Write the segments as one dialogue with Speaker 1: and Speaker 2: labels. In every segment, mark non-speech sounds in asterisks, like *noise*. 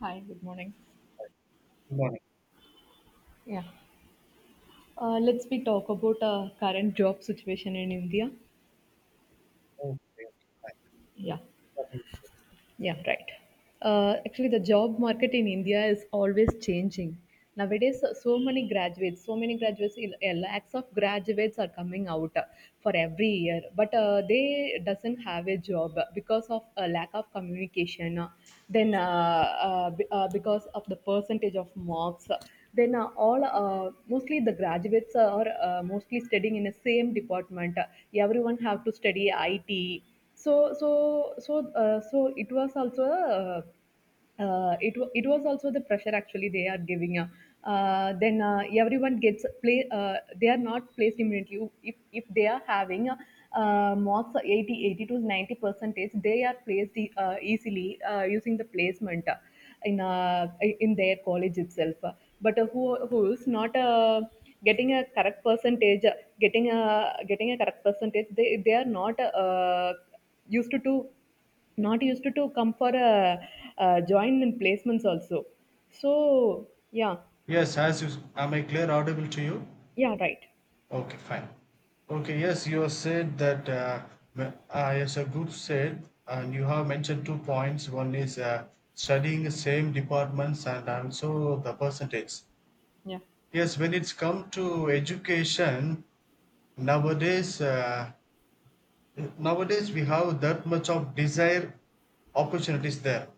Speaker 1: Hi, good morning.
Speaker 2: Morning.
Speaker 1: Yeah. Let's we talk about current job situation in India.
Speaker 2: Okay, okay, fine.
Speaker 1: Yeah.
Speaker 2: Starting.
Speaker 1: Yeah, right. Actually, the job market in India is always changing. Nowadays, so many graduates, lakhs of graduates are coming out for every year, but they doesn't have a job because of a lack of communication. Then, because of the percentage of marks, then all mostly the graduates are mostly studying in the same department. Everyone have to study IT, so it was also, it was also the pressure actually they are giving. Uh, Then, everyone gets play they are not placed immediately if they are having, marks 80 to 90 percentage. They are placed easily, using the placement in uh, in their college itself, but who's not, getting a correct percentage uh, getting a getting a correct percentage, they are not, used to not used to come for a, join in placements also, so yeah.
Speaker 2: Yes, as you, am I clear audible to you?
Speaker 1: Yeah, right.
Speaker 2: Okay, fine. Okay, yes, you have said that, yes, a group said, and you have mentioned two points. One is studying the same departments and also the percentage.
Speaker 1: Yeah,
Speaker 2: Yes, when it's come to education, nowadays, uh, Nowadays, we have that much of desire opportunities there.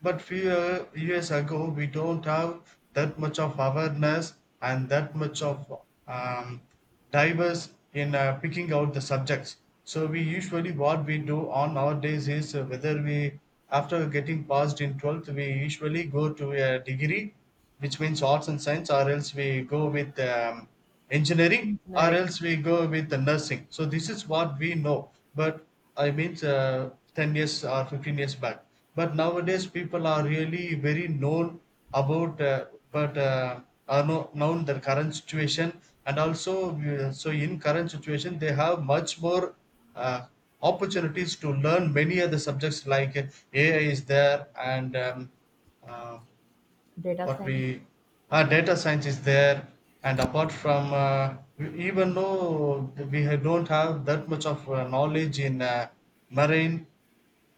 Speaker 2: But few years ago, we don't have that much of awareness and that much of um, diverse in picking out the subjects. So we usually what we do on our days is whether we after getting passed in 12th, we usually go to a degree, which means arts and science, or else we go with engineering, or
Speaker 1: engineering,
Speaker 2: else we go with the nursing. So this is what we know, but I mean 10 years or 15 years back, but nowadays people are really very known about but are no, known the current situation. And also so in current situation they have much more uh, opportunities to learn many other subjects like AI is there, and uh,
Speaker 1: data
Speaker 2: what
Speaker 1: science.
Speaker 2: we data science is there. And apart from even though we don't have that much of knowledge in marine.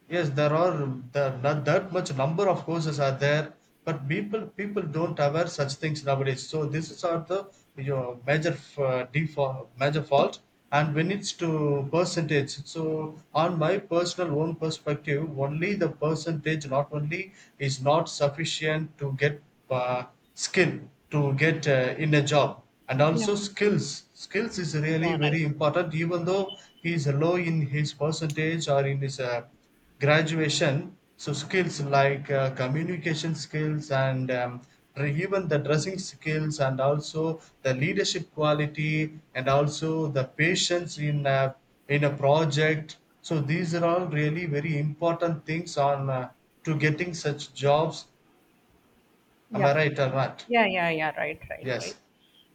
Speaker 2: Yes, there are there not that much number of courses are there, but people don't aware such things nowadays. So this is are the your major default major fault. And when it's to percentage, so on my personal own perspective, only the percentage not only is not sufficient to get uh, skill, to get in a job. And
Speaker 1: Yeah.
Speaker 2: also skills is
Speaker 1: Yeah,
Speaker 2: really
Speaker 1: right.
Speaker 2: very important, even though he is low in his percentage or in his graduation. So skills like communication skills and even the dressing skills, and also the leadership quality, and also the patience in a project. So these are all really very important things on to getting such jobs. Am
Speaker 1: Yeah.
Speaker 2: I right or not?
Speaker 1: Yeah, yeah, yeah. Right, right,
Speaker 2: Yes.
Speaker 1: right.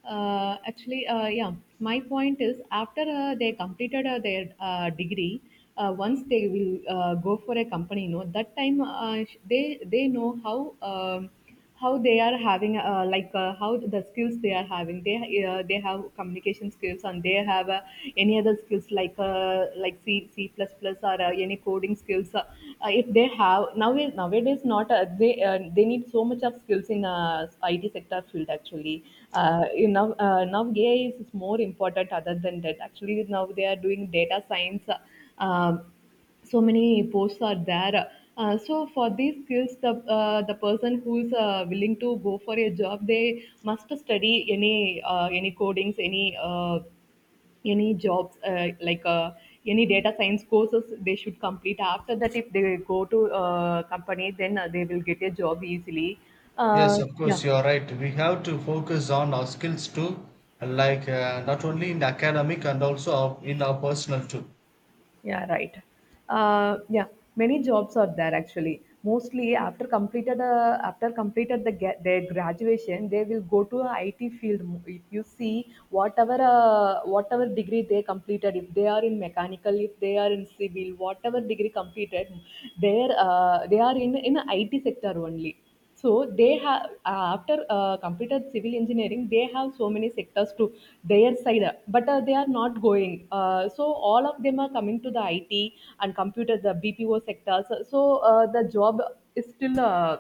Speaker 1: Actually, yeah, my point is, after they completed their degree, once they will go for a company, that time, they know how, how they are having, like how the skills they are having. They have communication skills, and they have any other skills, like like C plus plus, or any coding skills. If they have nowadays not, they need so much of skills in IT sector field actually. Now AI is more important. Other than that, actually now they are doing data science. So many posts are there. So for these skills, the person who is willing to go for a job, they must study any, codings, any, jobs, any data science courses, they should complete. After that, if they go to company, then they will get a job easily.
Speaker 2: Yes, of
Speaker 1: Yeah.
Speaker 2: course, you are right. We have to focus on our skills too, like not only in academic and also our, in our personal too.
Speaker 1: Yeah, right. Yeah, many jobs are there actually. Mostly after completed their graduation, they will go to a IT field. If you see whatever degree they completed, if they are in mechanical, if they are in civil, whatever degree completed, they are in IT sector only. So they have, after completed civil engineering, they have so many sectors to their side, but they are not going. So all of them are coming to the it and computer the bpo sectors, so the job is still,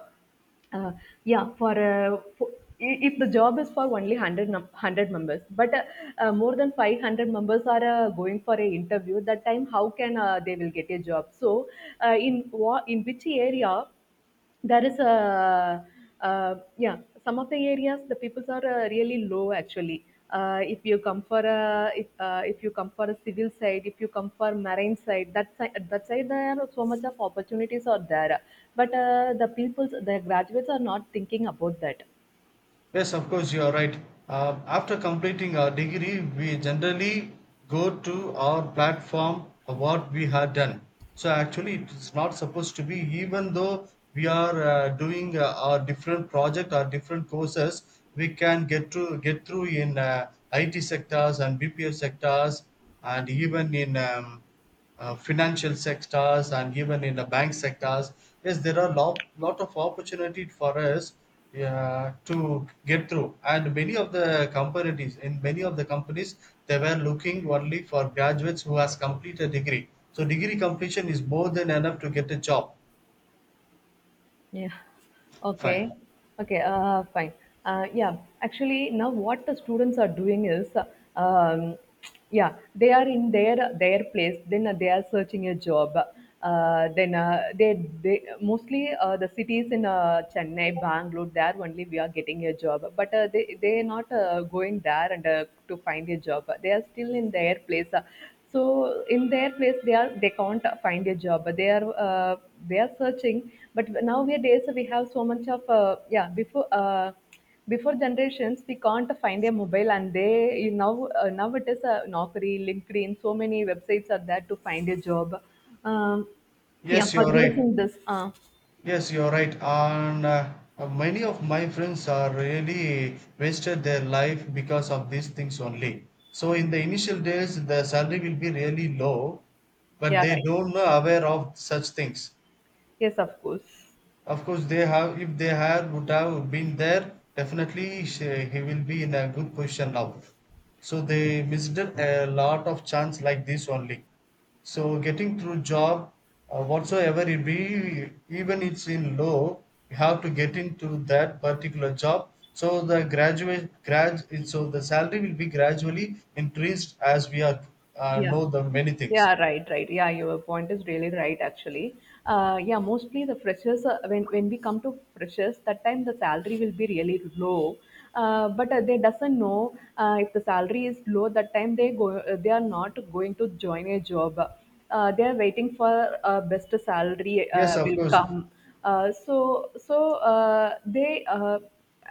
Speaker 1: uh, yeah. For for if the job is for only 100 members, but, more than 500 members are going for a interview, that time how can they will get a job. So in what in which area there is a, yeah, some of the areas the peoples are really low actually. If you come for a, if you come for a civil side, if you come for marine side, that side there are so much of opportunities. Are there but the graduates are not thinking about that.
Speaker 2: Yes, of course, you are right. After completing our degree, we generally go to our platform of what we had done. So, actually, it is not supposed to be, even though we are doing our different project or different courses, we can get to get through in IT sectors and BPO sectors, and even in financial sectors, and even in the bank sectors. Yes, there are lot, lot of opportunity for us to get through. And many of the companies, in many of the companies, they were looking only for graduates who has completed degree. So degree completion is more than enough to get a job.
Speaker 1: Yeah. Okay.
Speaker 2: Fine.
Speaker 1: Okay. Fine. Yeah, actually, now what the students are doing is, um, yeah, they are in their place. Then they are searching a job. Then they mostly, the cities in Chennai, Bangalore. There only we are getting a job. But they are not going there and to find a job. They are still in their place. So in their place, they can't find a job. They are searching. But nowadays we have so much of, yeah, before generations we can't find a mobile, and they you now now it is a Naukri, LinkedIn, so many websites are there to find a job. Um, yeah,
Speaker 2: Yes,
Speaker 1: for
Speaker 2: you're right.
Speaker 1: using this.
Speaker 2: Yes, you're right. And many of my friends are really wasted their life because of these things only. So in the initial days, the salary will be really low, but
Speaker 1: Yeah,
Speaker 2: they
Speaker 1: right.
Speaker 2: don't know aware of such things.
Speaker 1: Yes, of course.
Speaker 2: Of course, they have. If they had would have been there, definitely she, he will be in a good position now. So they missed a lot of chance like this only. So getting through job, whatsoever it be, even it's in low, you have to get into that particular job. So the graduate grad, so the salary will be gradually increased as we are
Speaker 1: Yeah.
Speaker 2: know the many things.
Speaker 1: Yeah, right, right. Yeah, your point is really right, actually. Yeah, mostly the freshers, when we come to freshers, that time the salary will be really low. But they doesn't know. If the salary is low, that time they are not going to join a job. They are waiting for best salary
Speaker 2: Yes, of
Speaker 1: will
Speaker 2: course.
Speaker 1: come. So so they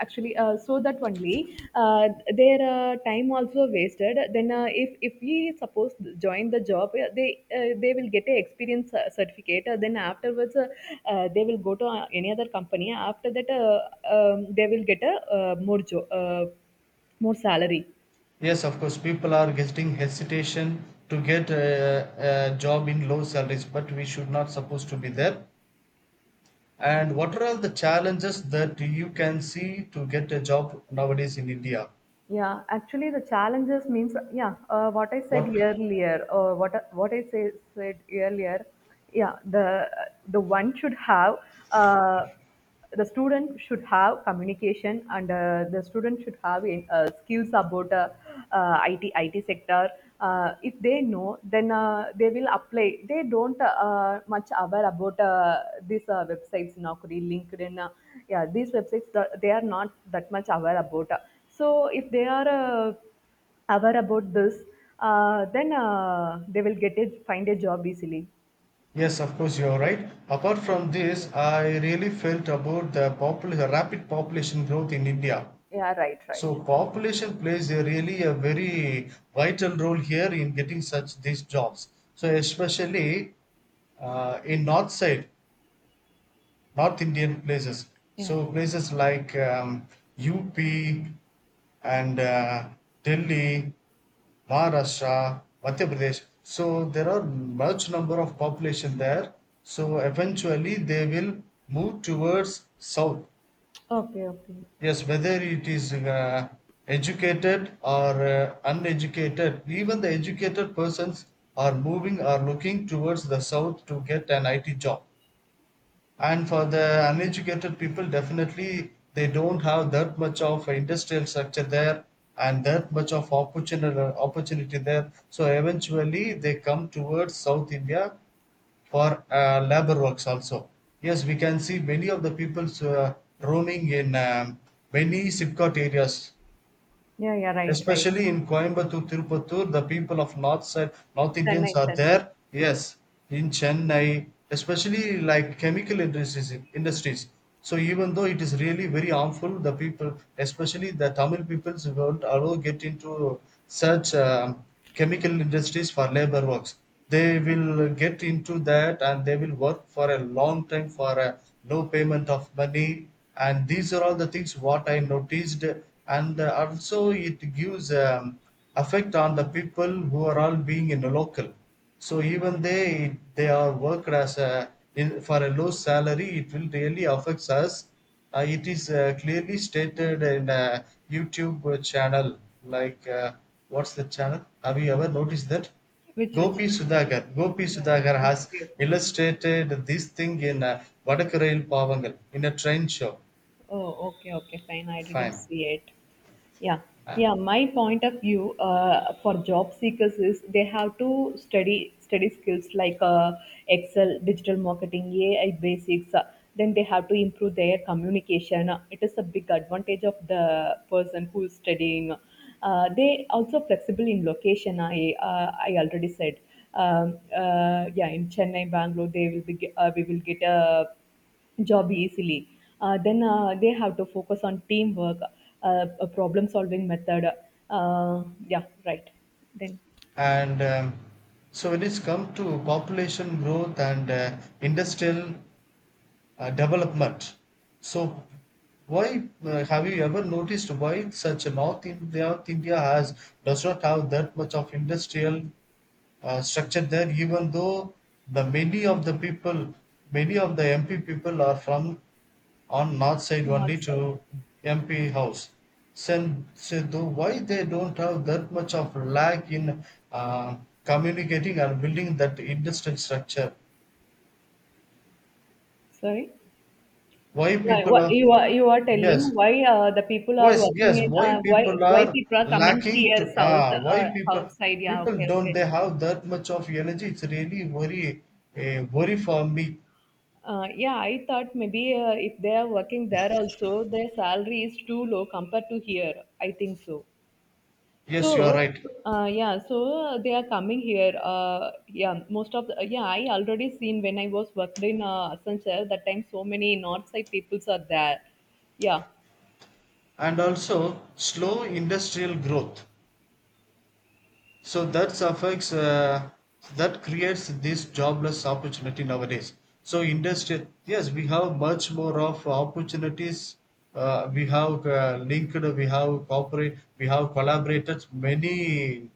Speaker 1: actually so that only, their time also wasted. Then if we suppose join the job, they will get a experience certificate. Then afterwards, they will go to any other company. After that, they will get a, more salary.
Speaker 2: Yes, of course. People are getting hesitation to get a job in low salaries, but we should not supposed to be there. And what are all the challenges that you can see to get a job nowadays in India?
Speaker 1: Yeah, actually, the challenges means, yeah. What I
Speaker 2: What?
Speaker 1: said earlier, or said earlier, yeah. The one should have, uh, the student should have communication, and the student should have, skills about, IT sector. If they know, then they will apply. They don't much aware about these websites, Naukri, LinkedIn. Yeah, these websites they are not that much aware about. So if they are aware about this, then they will find a job easily.
Speaker 2: Yes, of course, you're right. Apart from this, I really felt about the rapid population growth in India.
Speaker 1: Yeah, right, right.
Speaker 2: So, population plays a really a very vital role here in getting such these jobs. So, especially in north side, North Indian places.
Speaker 1: Yeah.
Speaker 2: So places like UP and Delhi, Maharashtra, Madhya Pradesh. So there are much number of population there. So eventually they will move towards south.
Speaker 1: Okay, okay.
Speaker 2: Yes, whether it is educated or uneducated, even the educated persons are moving or looking towards the south to get an IT job. And for the uneducated people, definitely they don't have that much of industrial structure there and that much of opportunity there, so eventually they come towards south India for labor works also. Yes, we can see many of the people roaming in many SIPCOT areas.
Speaker 1: Yeah, yeah, right, right.
Speaker 2: Especially in Coimbatore, Tirupattur, the people of North side, North Indians
Speaker 1: Chennai,
Speaker 2: are
Speaker 1: Chennai.
Speaker 2: there. Yes, in Chennai, especially like chemical industries. So even though it is really very harmful, the people, especially the Tamil peoples, won't allow get into such chemical industries for labor works. They will get into that, and they will work for a long time for a no payment of money. And these are all the things what I noticed. And also it gives effect on the people who are all being in the local. So even they are worked as a in, for a low salary. It will really affects us. It is clearly stated in a YouTube channel. Like what's the channel? Have you ever noticed that?
Speaker 1: Which, which?
Speaker 2: Gopi Sudhakar. Gopi
Speaker 1: Oh,
Speaker 2: Sudhakar has
Speaker 1: okay, okay.
Speaker 2: illustrated this thing in Vadakarail Pavangal in a train show.
Speaker 1: Oh, okay, okay, fine. I didn't
Speaker 2: Fine.
Speaker 1: see it. Yeah,
Speaker 2: Uh,
Speaker 1: yeah. My point of view, for job seekers, is they have to study skills like, Excel, digital marketing, AI basics. Then they have to improve their communication. It is a big advantage of the person who is studying. They also flexible in location. I already said. Yeah, in Chennai, Bangalore, they will be. We will get a job easily. Then they have to focus on teamwork, a problem solving method. Yeah, right. Then,
Speaker 2: and so when it's come to population growth and industrial development. So, why have you ever noticed why such a North India has does not have that much of industrial structure there, even though the many of the people, many of the MP people are from on north side
Speaker 1: not,
Speaker 2: only
Speaker 1: sorry.
Speaker 2: to MP house. Sen- So, though why they don't have that much of lack in uh, communicating and building that industrial structure?
Speaker 1: Sorry.
Speaker 2: Why people
Speaker 1: What
Speaker 2: are
Speaker 1: you are telling,
Speaker 2: yes.
Speaker 1: why the people are
Speaker 2: Yes,
Speaker 1: working
Speaker 2: yes.
Speaker 1: in,
Speaker 2: Why
Speaker 1: why
Speaker 2: people
Speaker 1: why
Speaker 2: are
Speaker 1: people are coming
Speaker 2: lacking
Speaker 1: here
Speaker 2: to
Speaker 1: south,
Speaker 2: ah? Why people
Speaker 1: south side? Yeah,
Speaker 2: people
Speaker 1: okay,
Speaker 2: don't
Speaker 1: okay.
Speaker 2: they have that much of energy? It's really worry, a worry for me.
Speaker 1: Yeah, I thought maybe if they are working there also, their salary is too low compared to here. I think so.
Speaker 2: Yes, you are
Speaker 1: So,
Speaker 2: right.
Speaker 1: yeah, they are coming here. Yeah, most of the, yeah, I already seen when I was worked in Asanchar, that time so many north side peoples are there. Yeah,
Speaker 2: And also slow industrial growth. So that affects that creates this jobless opportunity nowadays. So industry, yes, we have much more of opportunities. Uh, we have linked we have cooperate, we have collaborated many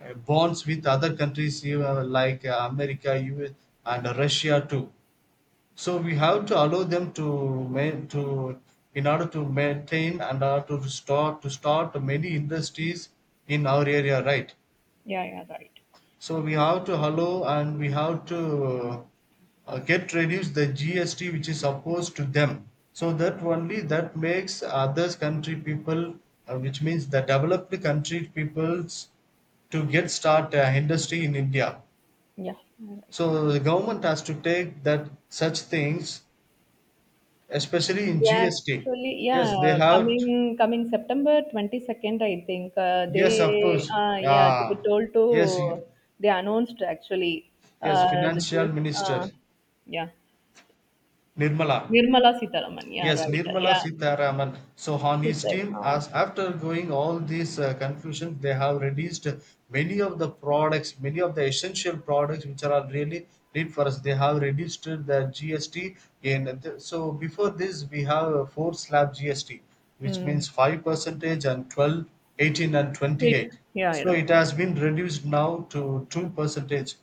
Speaker 2: bonds with other countries, you know, like america US, and russia too. So we have to allow them to ma- to in order to maintain and to start many industries in our area, right?
Speaker 1: yeah, yeah, right.
Speaker 2: So we have to allow, and we have to get reduce the GST which is opposed to them. So that only that makes other country people, which means the developed country peoples, to get start industry in India.
Speaker 1: Yeah, right.
Speaker 2: So the government has to take that such things, especially in
Speaker 1: Yeah,
Speaker 2: GST.
Speaker 1: actually,
Speaker 2: Yes, they
Speaker 1: yeah,
Speaker 2: have.
Speaker 1: coming September 22nd, I think
Speaker 2: Yes, of
Speaker 1: they,
Speaker 2: course.
Speaker 1: yeah,
Speaker 2: Uh, yes, you-
Speaker 1: they announced actually,
Speaker 2: yes.
Speaker 1: the, G
Speaker 2: Financial
Speaker 1: S
Speaker 2: Minister
Speaker 1: uh, yeah,
Speaker 2: Nirmala.
Speaker 1: Nirmala Sitaraman. Yeah,
Speaker 2: Yes,
Speaker 1: right.
Speaker 2: Nirmala
Speaker 1: Yeah,
Speaker 2: Sitharaman. So on
Speaker 1: she
Speaker 2: his
Speaker 1: said.
Speaker 2: team, as after going all these confusions, they have reduced many of the products, many of the essential products which are really need for us. They have reduced the GST. In the, so before this, we have a four slab GST, which
Speaker 1: Mm.
Speaker 2: means five percentage and 12, 18, and
Speaker 1: Right.
Speaker 2: 28.
Speaker 1: Yeah, you're
Speaker 2: So
Speaker 1: right.
Speaker 2: it has been reduced now to two percentage.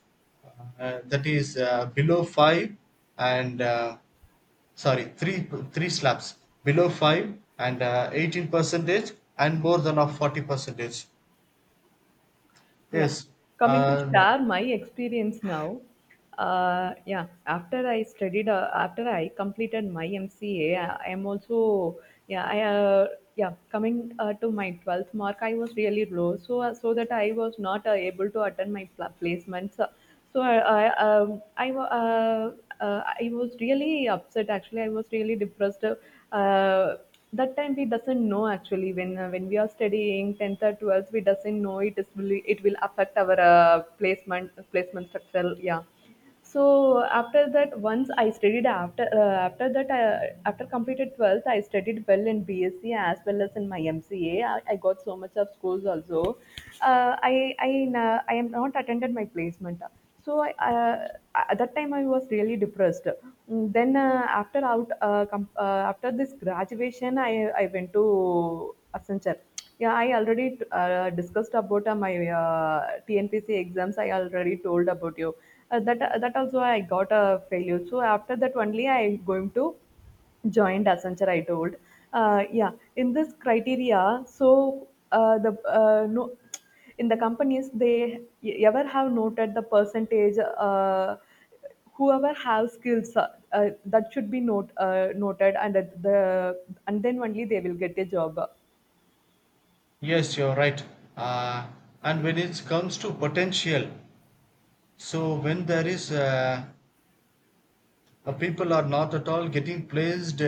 Speaker 2: That is below five, and. Sorry, three slabs below five and 18 percentage, and more than of 40 percentage.
Speaker 1: Yeah.
Speaker 2: Yes,
Speaker 1: Coming to
Speaker 2: uh,
Speaker 1: share my experience now. Yeah, after I completed my MCA, I am also, yeah, coming to my 12th mark, I was really low. So, so that I was not able to attend my placements. So I, wa- I was really upset. Actually, I was really depressed. That time we doesn't know actually when we are studying 10th or 12th, we doesn't know it will affect our placement structure. Yeah, so after that, once I studied, after completed 12th, I studied well in BSc as well as in my MCA. I got so much of scores also. Uh, I I I am not attended my placement. So I, at that time I was really depressed. Then after this graduation, I went to Accenture. Yeah, I already discussed about my TNPC exams. I already told about you. That, that also, I got a failure. So after that only, I am going to join Accenture, I told. Yeah, in this criteria, so, the no, in the companies, they ever have noted the percentage. Whoever have skills, that should be noted, the and then only they will get a job.
Speaker 2: yes, you're right. Uh, and when it comes to potential, so when there is people are not at all getting placed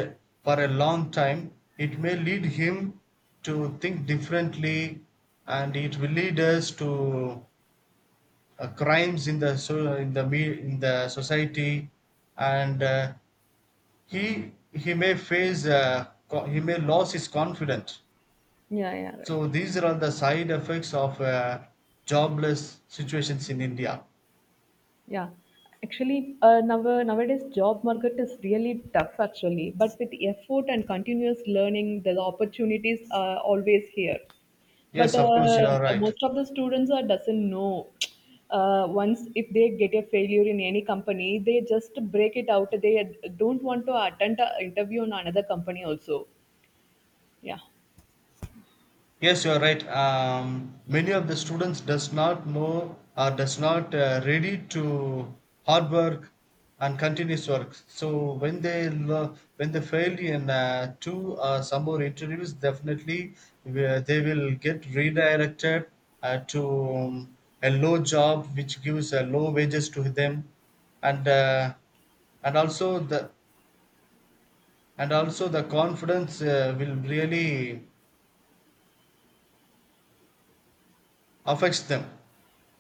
Speaker 2: for a long time, it may lead him to think differently, and it will lead us to crimes in the so in the society. And he may face he may lose his confidence.
Speaker 1: Yeah, yeah, right.
Speaker 2: So these are all the side effects of jobless situations in India.
Speaker 1: Yeah. Actually, now, nowadays, job market is really tough actually, but with effort and continuous learning, the opportunities are always here. But
Speaker 2: Yes, of course, you are right.
Speaker 1: most of the students are doesn't know. Once if they get a failure in any company, they just break it out. They don't want to attend an interview on another company also. Yeah.
Speaker 2: Yes, you are right. Many of the students does not know or does not ready to hard work and continuous work. So when they when they fail in two or some more interviews, definitely they will get redirected to a low job which gives low wages to them, and and also the and also the confidence will really affects them.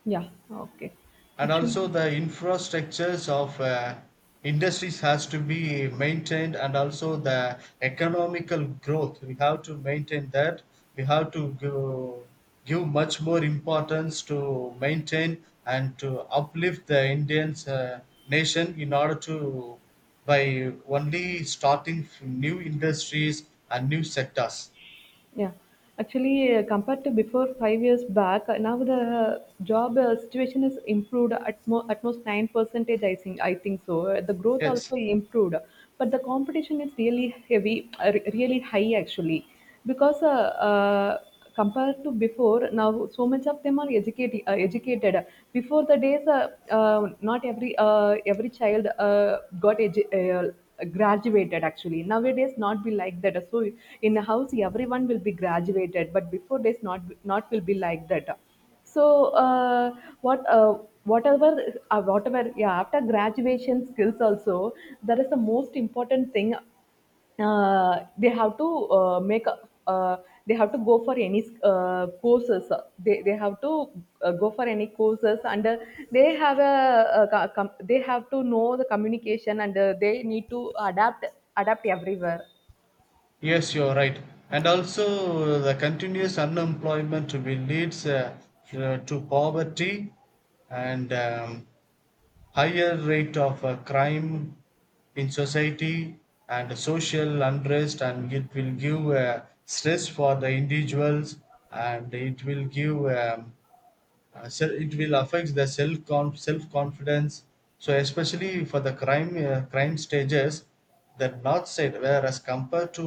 Speaker 1: Yeah. Okay.
Speaker 2: And
Speaker 1: Actually.
Speaker 2: also the infrastructures of industries has to be maintained, and also the economical growth we have to maintain that. We have to go, give much more importance to maintain and to uplift the indian's nation in order to by only starting new industries and new sectors.
Speaker 1: Yeah. Actually, compared to before 5 years back, now the job situation is improved at, at most 9 percentage, I think so. The growth
Speaker 2: Yes.
Speaker 1: also improved, but the competition is really heavy, really high actually. Because compared to before now so much of them are educated educated before the days not every every child graduated actually, nowadays not be like that. So in a house everyone will be graduated, but before days not will be like that. So uh, what whatever whatever, yeah, after graduation skills also, that is the most important thing. They have to make a, uh, they have to go for any courses. They have to go for any courses, and they have they have to know the communication, and they need to adapt everywhere.
Speaker 2: Yes, you're right. And also, the continuous unemployment will leads you to poverty and higher rate of crime in society and social unrest, and it will give stress for the individuals, and it will give so it will affect the self confidence. So especially for the crime stages, the north side, whereas compared to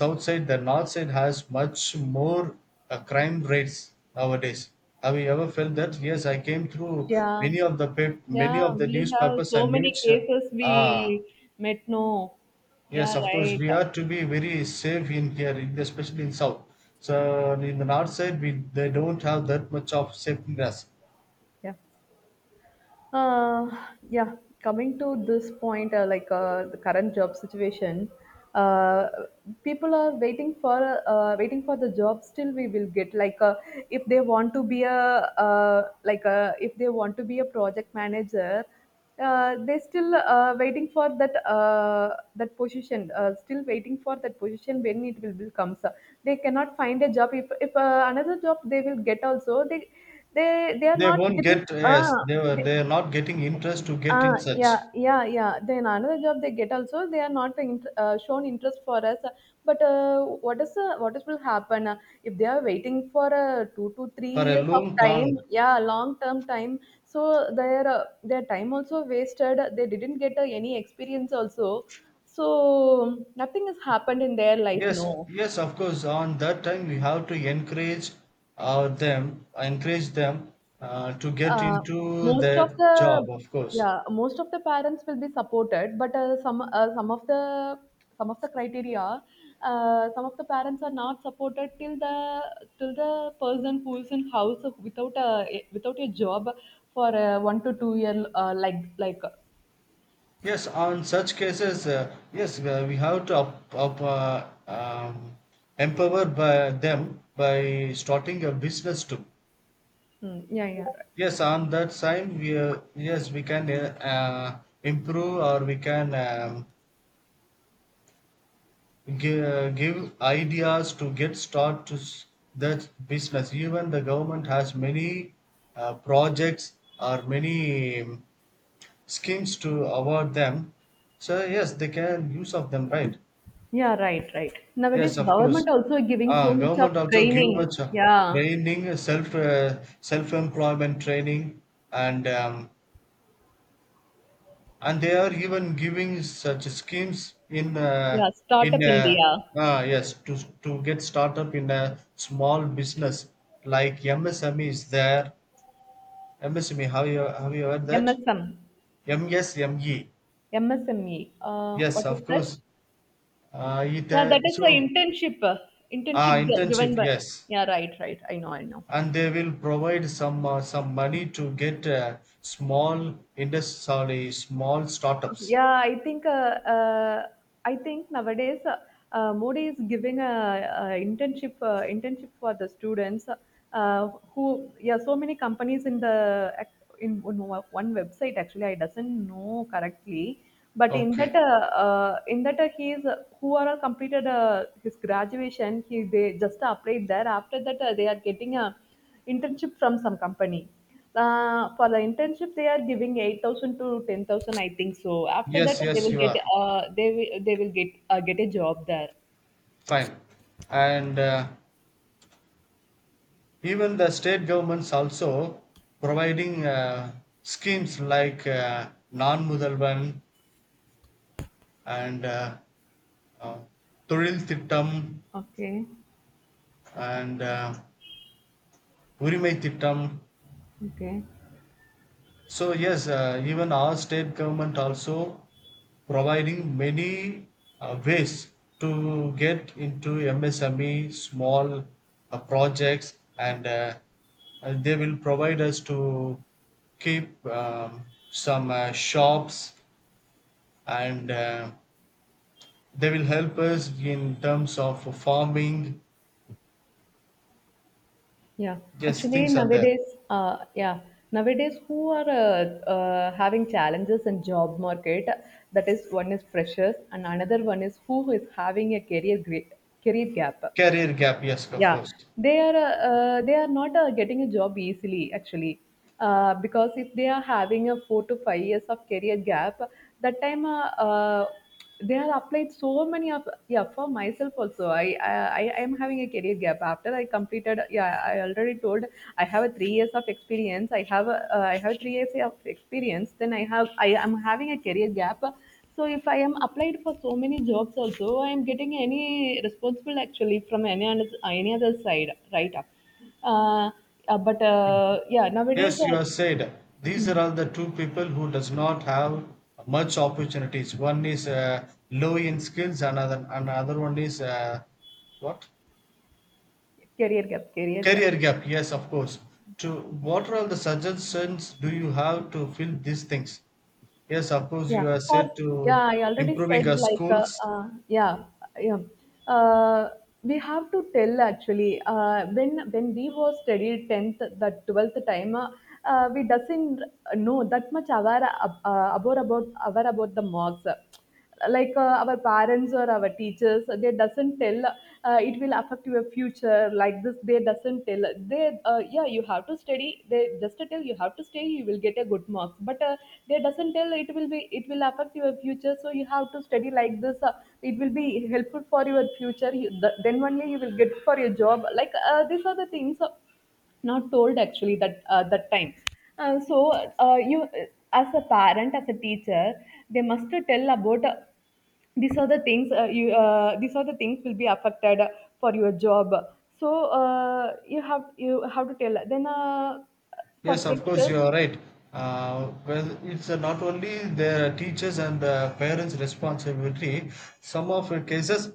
Speaker 2: south side, the north side has much more crime rates nowadays. Have you ever felt that? Yes, I came through
Speaker 1: Yeah.
Speaker 2: many of the many
Speaker 1: Yeah,
Speaker 2: of the
Speaker 1: we have
Speaker 2: newspapers
Speaker 1: so
Speaker 2: and
Speaker 1: many
Speaker 2: news,
Speaker 1: cases we
Speaker 2: ah,
Speaker 1: met, no? Yeah,
Speaker 2: yes, of course.
Speaker 1: right.
Speaker 2: We are to be very safe in here, especially in south. So in the north side, we they don't have that much of safeness.
Speaker 1: Yeah. Uh, yeah, coming to this point, like the current job situation, uh, people are waiting for the job. Still, we will get like if they want to be a if they want to be a project manager, they still waiting for that position. Still waiting for that position when it will be comes. Up. They cannot find a job. If Another job they will get also. They are
Speaker 2: They
Speaker 1: not
Speaker 2: won't get,
Speaker 1: getting.
Speaker 2: yes. They were they are not getting interest to get
Speaker 1: Ah,
Speaker 2: in such
Speaker 1: yeah, yeah, yeah. Then another job they get also, they are not shown interest for us. But what is will happen if they are waiting for two to three
Speaker 2: for a
Speaker 1: years of
Speaker 2: long time.
Speaker 1: time? Yeah, long term time. So their time also wasted. They didn't get any experience also. So nothing has happened in their life.
Speaker 2: Yes,
Speaker 1: No.
Speaker 2: yes, of course. On that time, we have to encourage them, encourage them to get
Speaker 1: Uh,
Speaker 2: into
Speaker 1: Most of
Speaker 2: their
Speaker 1: the,
Speaker 2: job. Of course.
Speaker 1: yeah, most of the parents will be supported, but some of the criteria, some of the parents are not supported till the, till the person who is in house without a, without a job for a 1 to 2 year,
Speaker 2: Yes, on such cases, yes, we have to empower by them by starting a business too.
Speaker 1: Hmm, yeah, yeah,
Speaker 2: Yes, on that side, we yes we can improve, or we can give ideas to get start to that business. Even the government has many projects or many schemes to award them. So yes, they can use of them, right?
Speaker 1: yeah, right, right,
Speaker 2: Yes,
Speaker 1: nowadays
Speaker 2: of course.
Speaker 1: government also giving so much of
Speaker 2: Government also give
Speaker 1: training.
Speaker 2: much
Speaker 1: Yeah.
Speaker 2: training, self employment training, and um, and they are even giving such schemes in uh,
Speaker 1: Yeah,
Speaker 2: in
Speaker 1: startup
Speaker 2: uh,
Speaker 1: India.
Speaker 2: ah, yes, to get startup in a small business like MSME is there. MSME, have you heard that?
Speaker 1: MSM,
Speaker 2: MSME,
Speaker 1: MSME,
Speaker 2: yes
Speaker 1: what
Speaker 2: of
Speaker 1: is that?
Speaker 2: course. It
Speaker 1: Yeah, that is the
Speaker 2: so
Speaker 1: internship, uh,
Speaker 2: ah
Speaker 1: internship gi-
Speaker 2: internship,
Speaker 1: given by.
Speaker 2: yes.
Speaker 1: Yeah, right, right. I know, I know.
Speaker 2: And they will provide some money to get small industry, sorry, small startups.
Speaker 1: Yeah, I think nowadays Modi is giving a internship, internship for the students who, yeah, so many companies in the, in one, one website actually, I doesn't know correctly. But
Speaker 2: Okay,
Speaker 1: in that he is who are all completed his graduation, he, they just applied there. After that, they are getting a internship from some company. For the internship, they are giving 8,000 to 10,000, I think so. After
Speaker 2: yes,
Speaker 1: that,
Speaker 2: yes,
Speaker 1: they will
Speaker 2: you
Speaker 1: get,
Speaker 2: are
Speaker 1: they will, they will get a job there.
Speaker 2: fine. And even the state governments also providing schemes like non mudalvan, and uh, தொழில் திட்டம்
Speaker 1: Okay,
Speaker 2: and உரிமை திட்டம்.
Speaker 1: okay,
Speaker 2: So yes, even our state government also providing many ways to get into MSME small projects, and they will provide us to keep some shops, and they will help us in terms of farming.
Speaker 1: yeah.
Speaker 2: Yes,
Speaker 1: Actually,
Speaker 2: things are there.
Speaker 1: nowadays, yeah, nowadays who are having challenges in job market? That is one is freshers, and another one is who is having a career gap.
Speaker 2: Career gap, yes, of
Speaker 1: Yeah,
Speaker 2: course.
Speaker 1: they are uh, they are not getting a job easily actually, because if they are having a 4 to 5 years of career gap, that time they have applied so many of, yeah, for myself also. I am having a career gap after I completed. Yeah, I already told I have a 3 years of experience. I have a, I have 3 years of experience. Then I am having a career gap. So if I am applied for so many jobs also, I am getting any responsible actually from any other side, right? up. Uh, but yeah, nowadays,
Speaker 2: Yes, you have said these are
Speaker 1: mm,
Speaker 2: all the two people who does not have much opportunities. One is low in skills, another one is what,
Speaker 1: career gap, career gap.
Speaker 2: career gap. Yes, of course. To what are all the suggestions do you have to fill these things? Yes, of course
Speaker 1: Yeah,
Speaker 2: you are
Speaker 1: for,
Speaker 2: said
Speaker 1: yeah,
Speaker 2: to
Speaker 1: I already said
Speaker 2: improving our
Speaker 1: like
Speaker 2: schools.
Speaker 1: yeah, yeah. Uh, we have to tell actually when we was studied tenth, the twelfth time. We doesn't know that much aware about aware about the marks, like our parents or our teachers, they doesn't tell it will affect your future like this, they doesn't tell. They yeah, you have to study, they just tell you have to study, you will get a good marks. But they doesn't tell it will be, it will affect your future, so you have to study like this. It will be helpful for your future, then only you will get for your job, like these are the things not told actually that that time. So you, as a parent, as a teacher, they must to tell about these are the things you these are the things will be affected for your job. So you have, you have to tell then. For
Speaker 2: Yes, of course
Speaker 1: freshers,
Speaker 2: you are right. Well, it's not only the teachers and the parents' responsibility. Some of the cases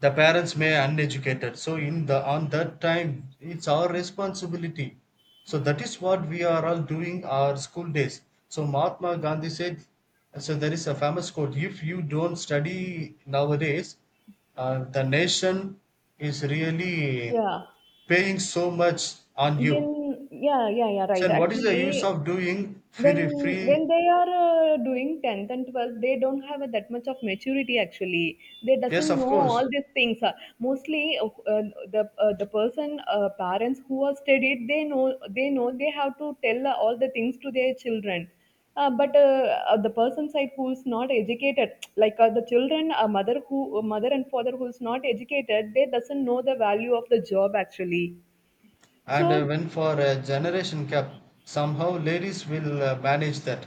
Speaker 2: the parents may uneducated, so in the on that time it's our responsibility. So that is what we are all doing our school days. So Mahatma Gandhi said, so there is a famous quote, if you don't study nowadays, the nation is really
Speaker 1: yeah.
Speaker 2: paying so much on you.
Speaker 1: Then, yeah, yeah, yeah,
Speaker 2: So,
Speaker 1: right,
Speaker 2: and what is the use
Speaker 1: actually,
Speaker 2: of doing
Speaker 1: when
Speaker 2: free
Speaker 1: when
Speaker 2: free
Speaker 1: they are doing 10th and 12th, they don't have a, that much of maturity actually, they
Speaker 2: Yes,
Speaker 1: doesn't
Speaker 2: of
Speaker 1: know
Speaker 2: course.
Speaker 1: all these things. Mostly the person, parents who are studied, they know, they know they have to tell all the things to their children. But The person side who's not educated *tsk* like the children, a mother who, a mother and father who's not educated, they doesn't know the value of the job actually.
Speaker 2: And
Speaker 1: So,
Speaker 2: when for a generation gap, somehow ladies will manage that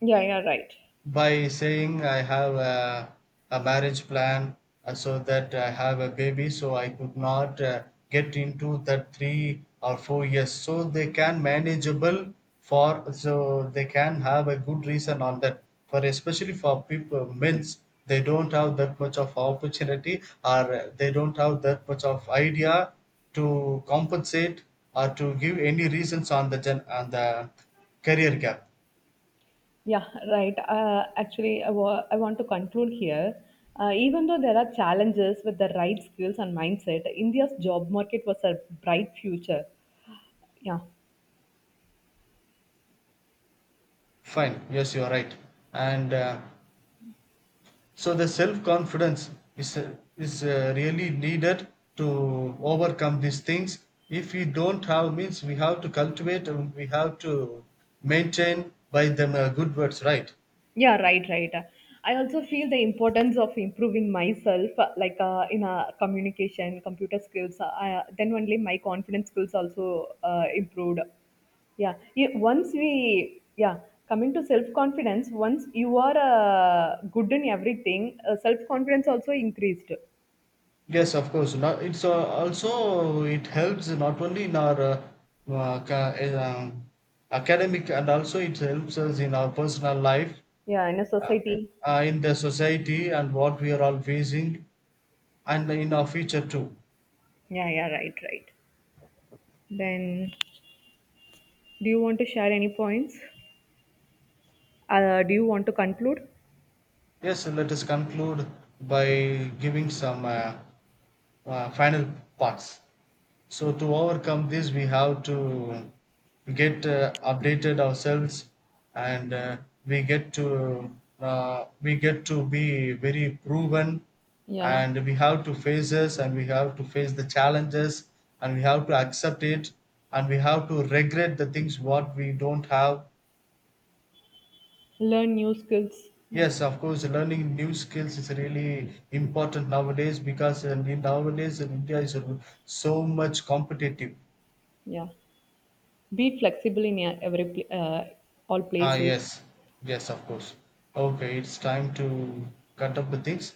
Speaker 1: yeah, yeah, right.
Speaker 2: by saying I have a marriage plan, so that I have a baby, so I could not get into that 3 or 4 years. So they can manageable, for so they can have a good reason on that. For especially for people men's, they don't have that much of opportunity, or they don't have that much of idea to compensate or to give any reasons on the gen on the career gap.
Speaker 1: Yeah, right. Actually, I want to conclude here. Even though there are challenges, with the right skills and mindset, India's job market was a bright future. Yeah.
Speaker 2: Fine. Yes, you are right. And so the self confidence is really needed to overcome these things. If we don't have means, we have to cultivate and we have to maintain by them good words, right?
Speaker 1: Yeah, right, right. I also feel the importance of improving myself, like in communication, computer skills. Then only my confidence skills also improved. Yeah. Once we, yeah, coming to self confidence, once you are good in everything, self confidence also increased.
Speaker 2: Yes, of course. Not, it's also it helps not only in our uh, ca- uh, um, academic, and also it helps us in our personal life,
Speaker 1: Yeah, in a
Speaker 2: uh,
Speaker 1: society.
Speaker 2: in the society and what we are all facing, and in our future too.
Speaker 1: Yeah, yeah, right, right. Then, do you want to share any points? Do you want to conclude?
Speaker 2: Yes, let us conclude by giving some final parts. So to overcome this, we have to get updated ourselves, and we get to we get to be very proven,
Speaker 1: Yeah.
Speaker 2: and we have to face this, and we have to face the challenges, and we have to accept it, and we have to regret the things what we don't have.
Speaker 1: Learn new skills. Yeah.
Speaker 2: Yes, of course, learning new skills is really important nowadays, because in nowadays in India is so much competitive.
Speaker 1: Yeah. Be flexible in all
Speaker 2: Ah,
Speaker 1: places.
Speaker 2: yes, yes, of course. Okay, it's time to cut up the things.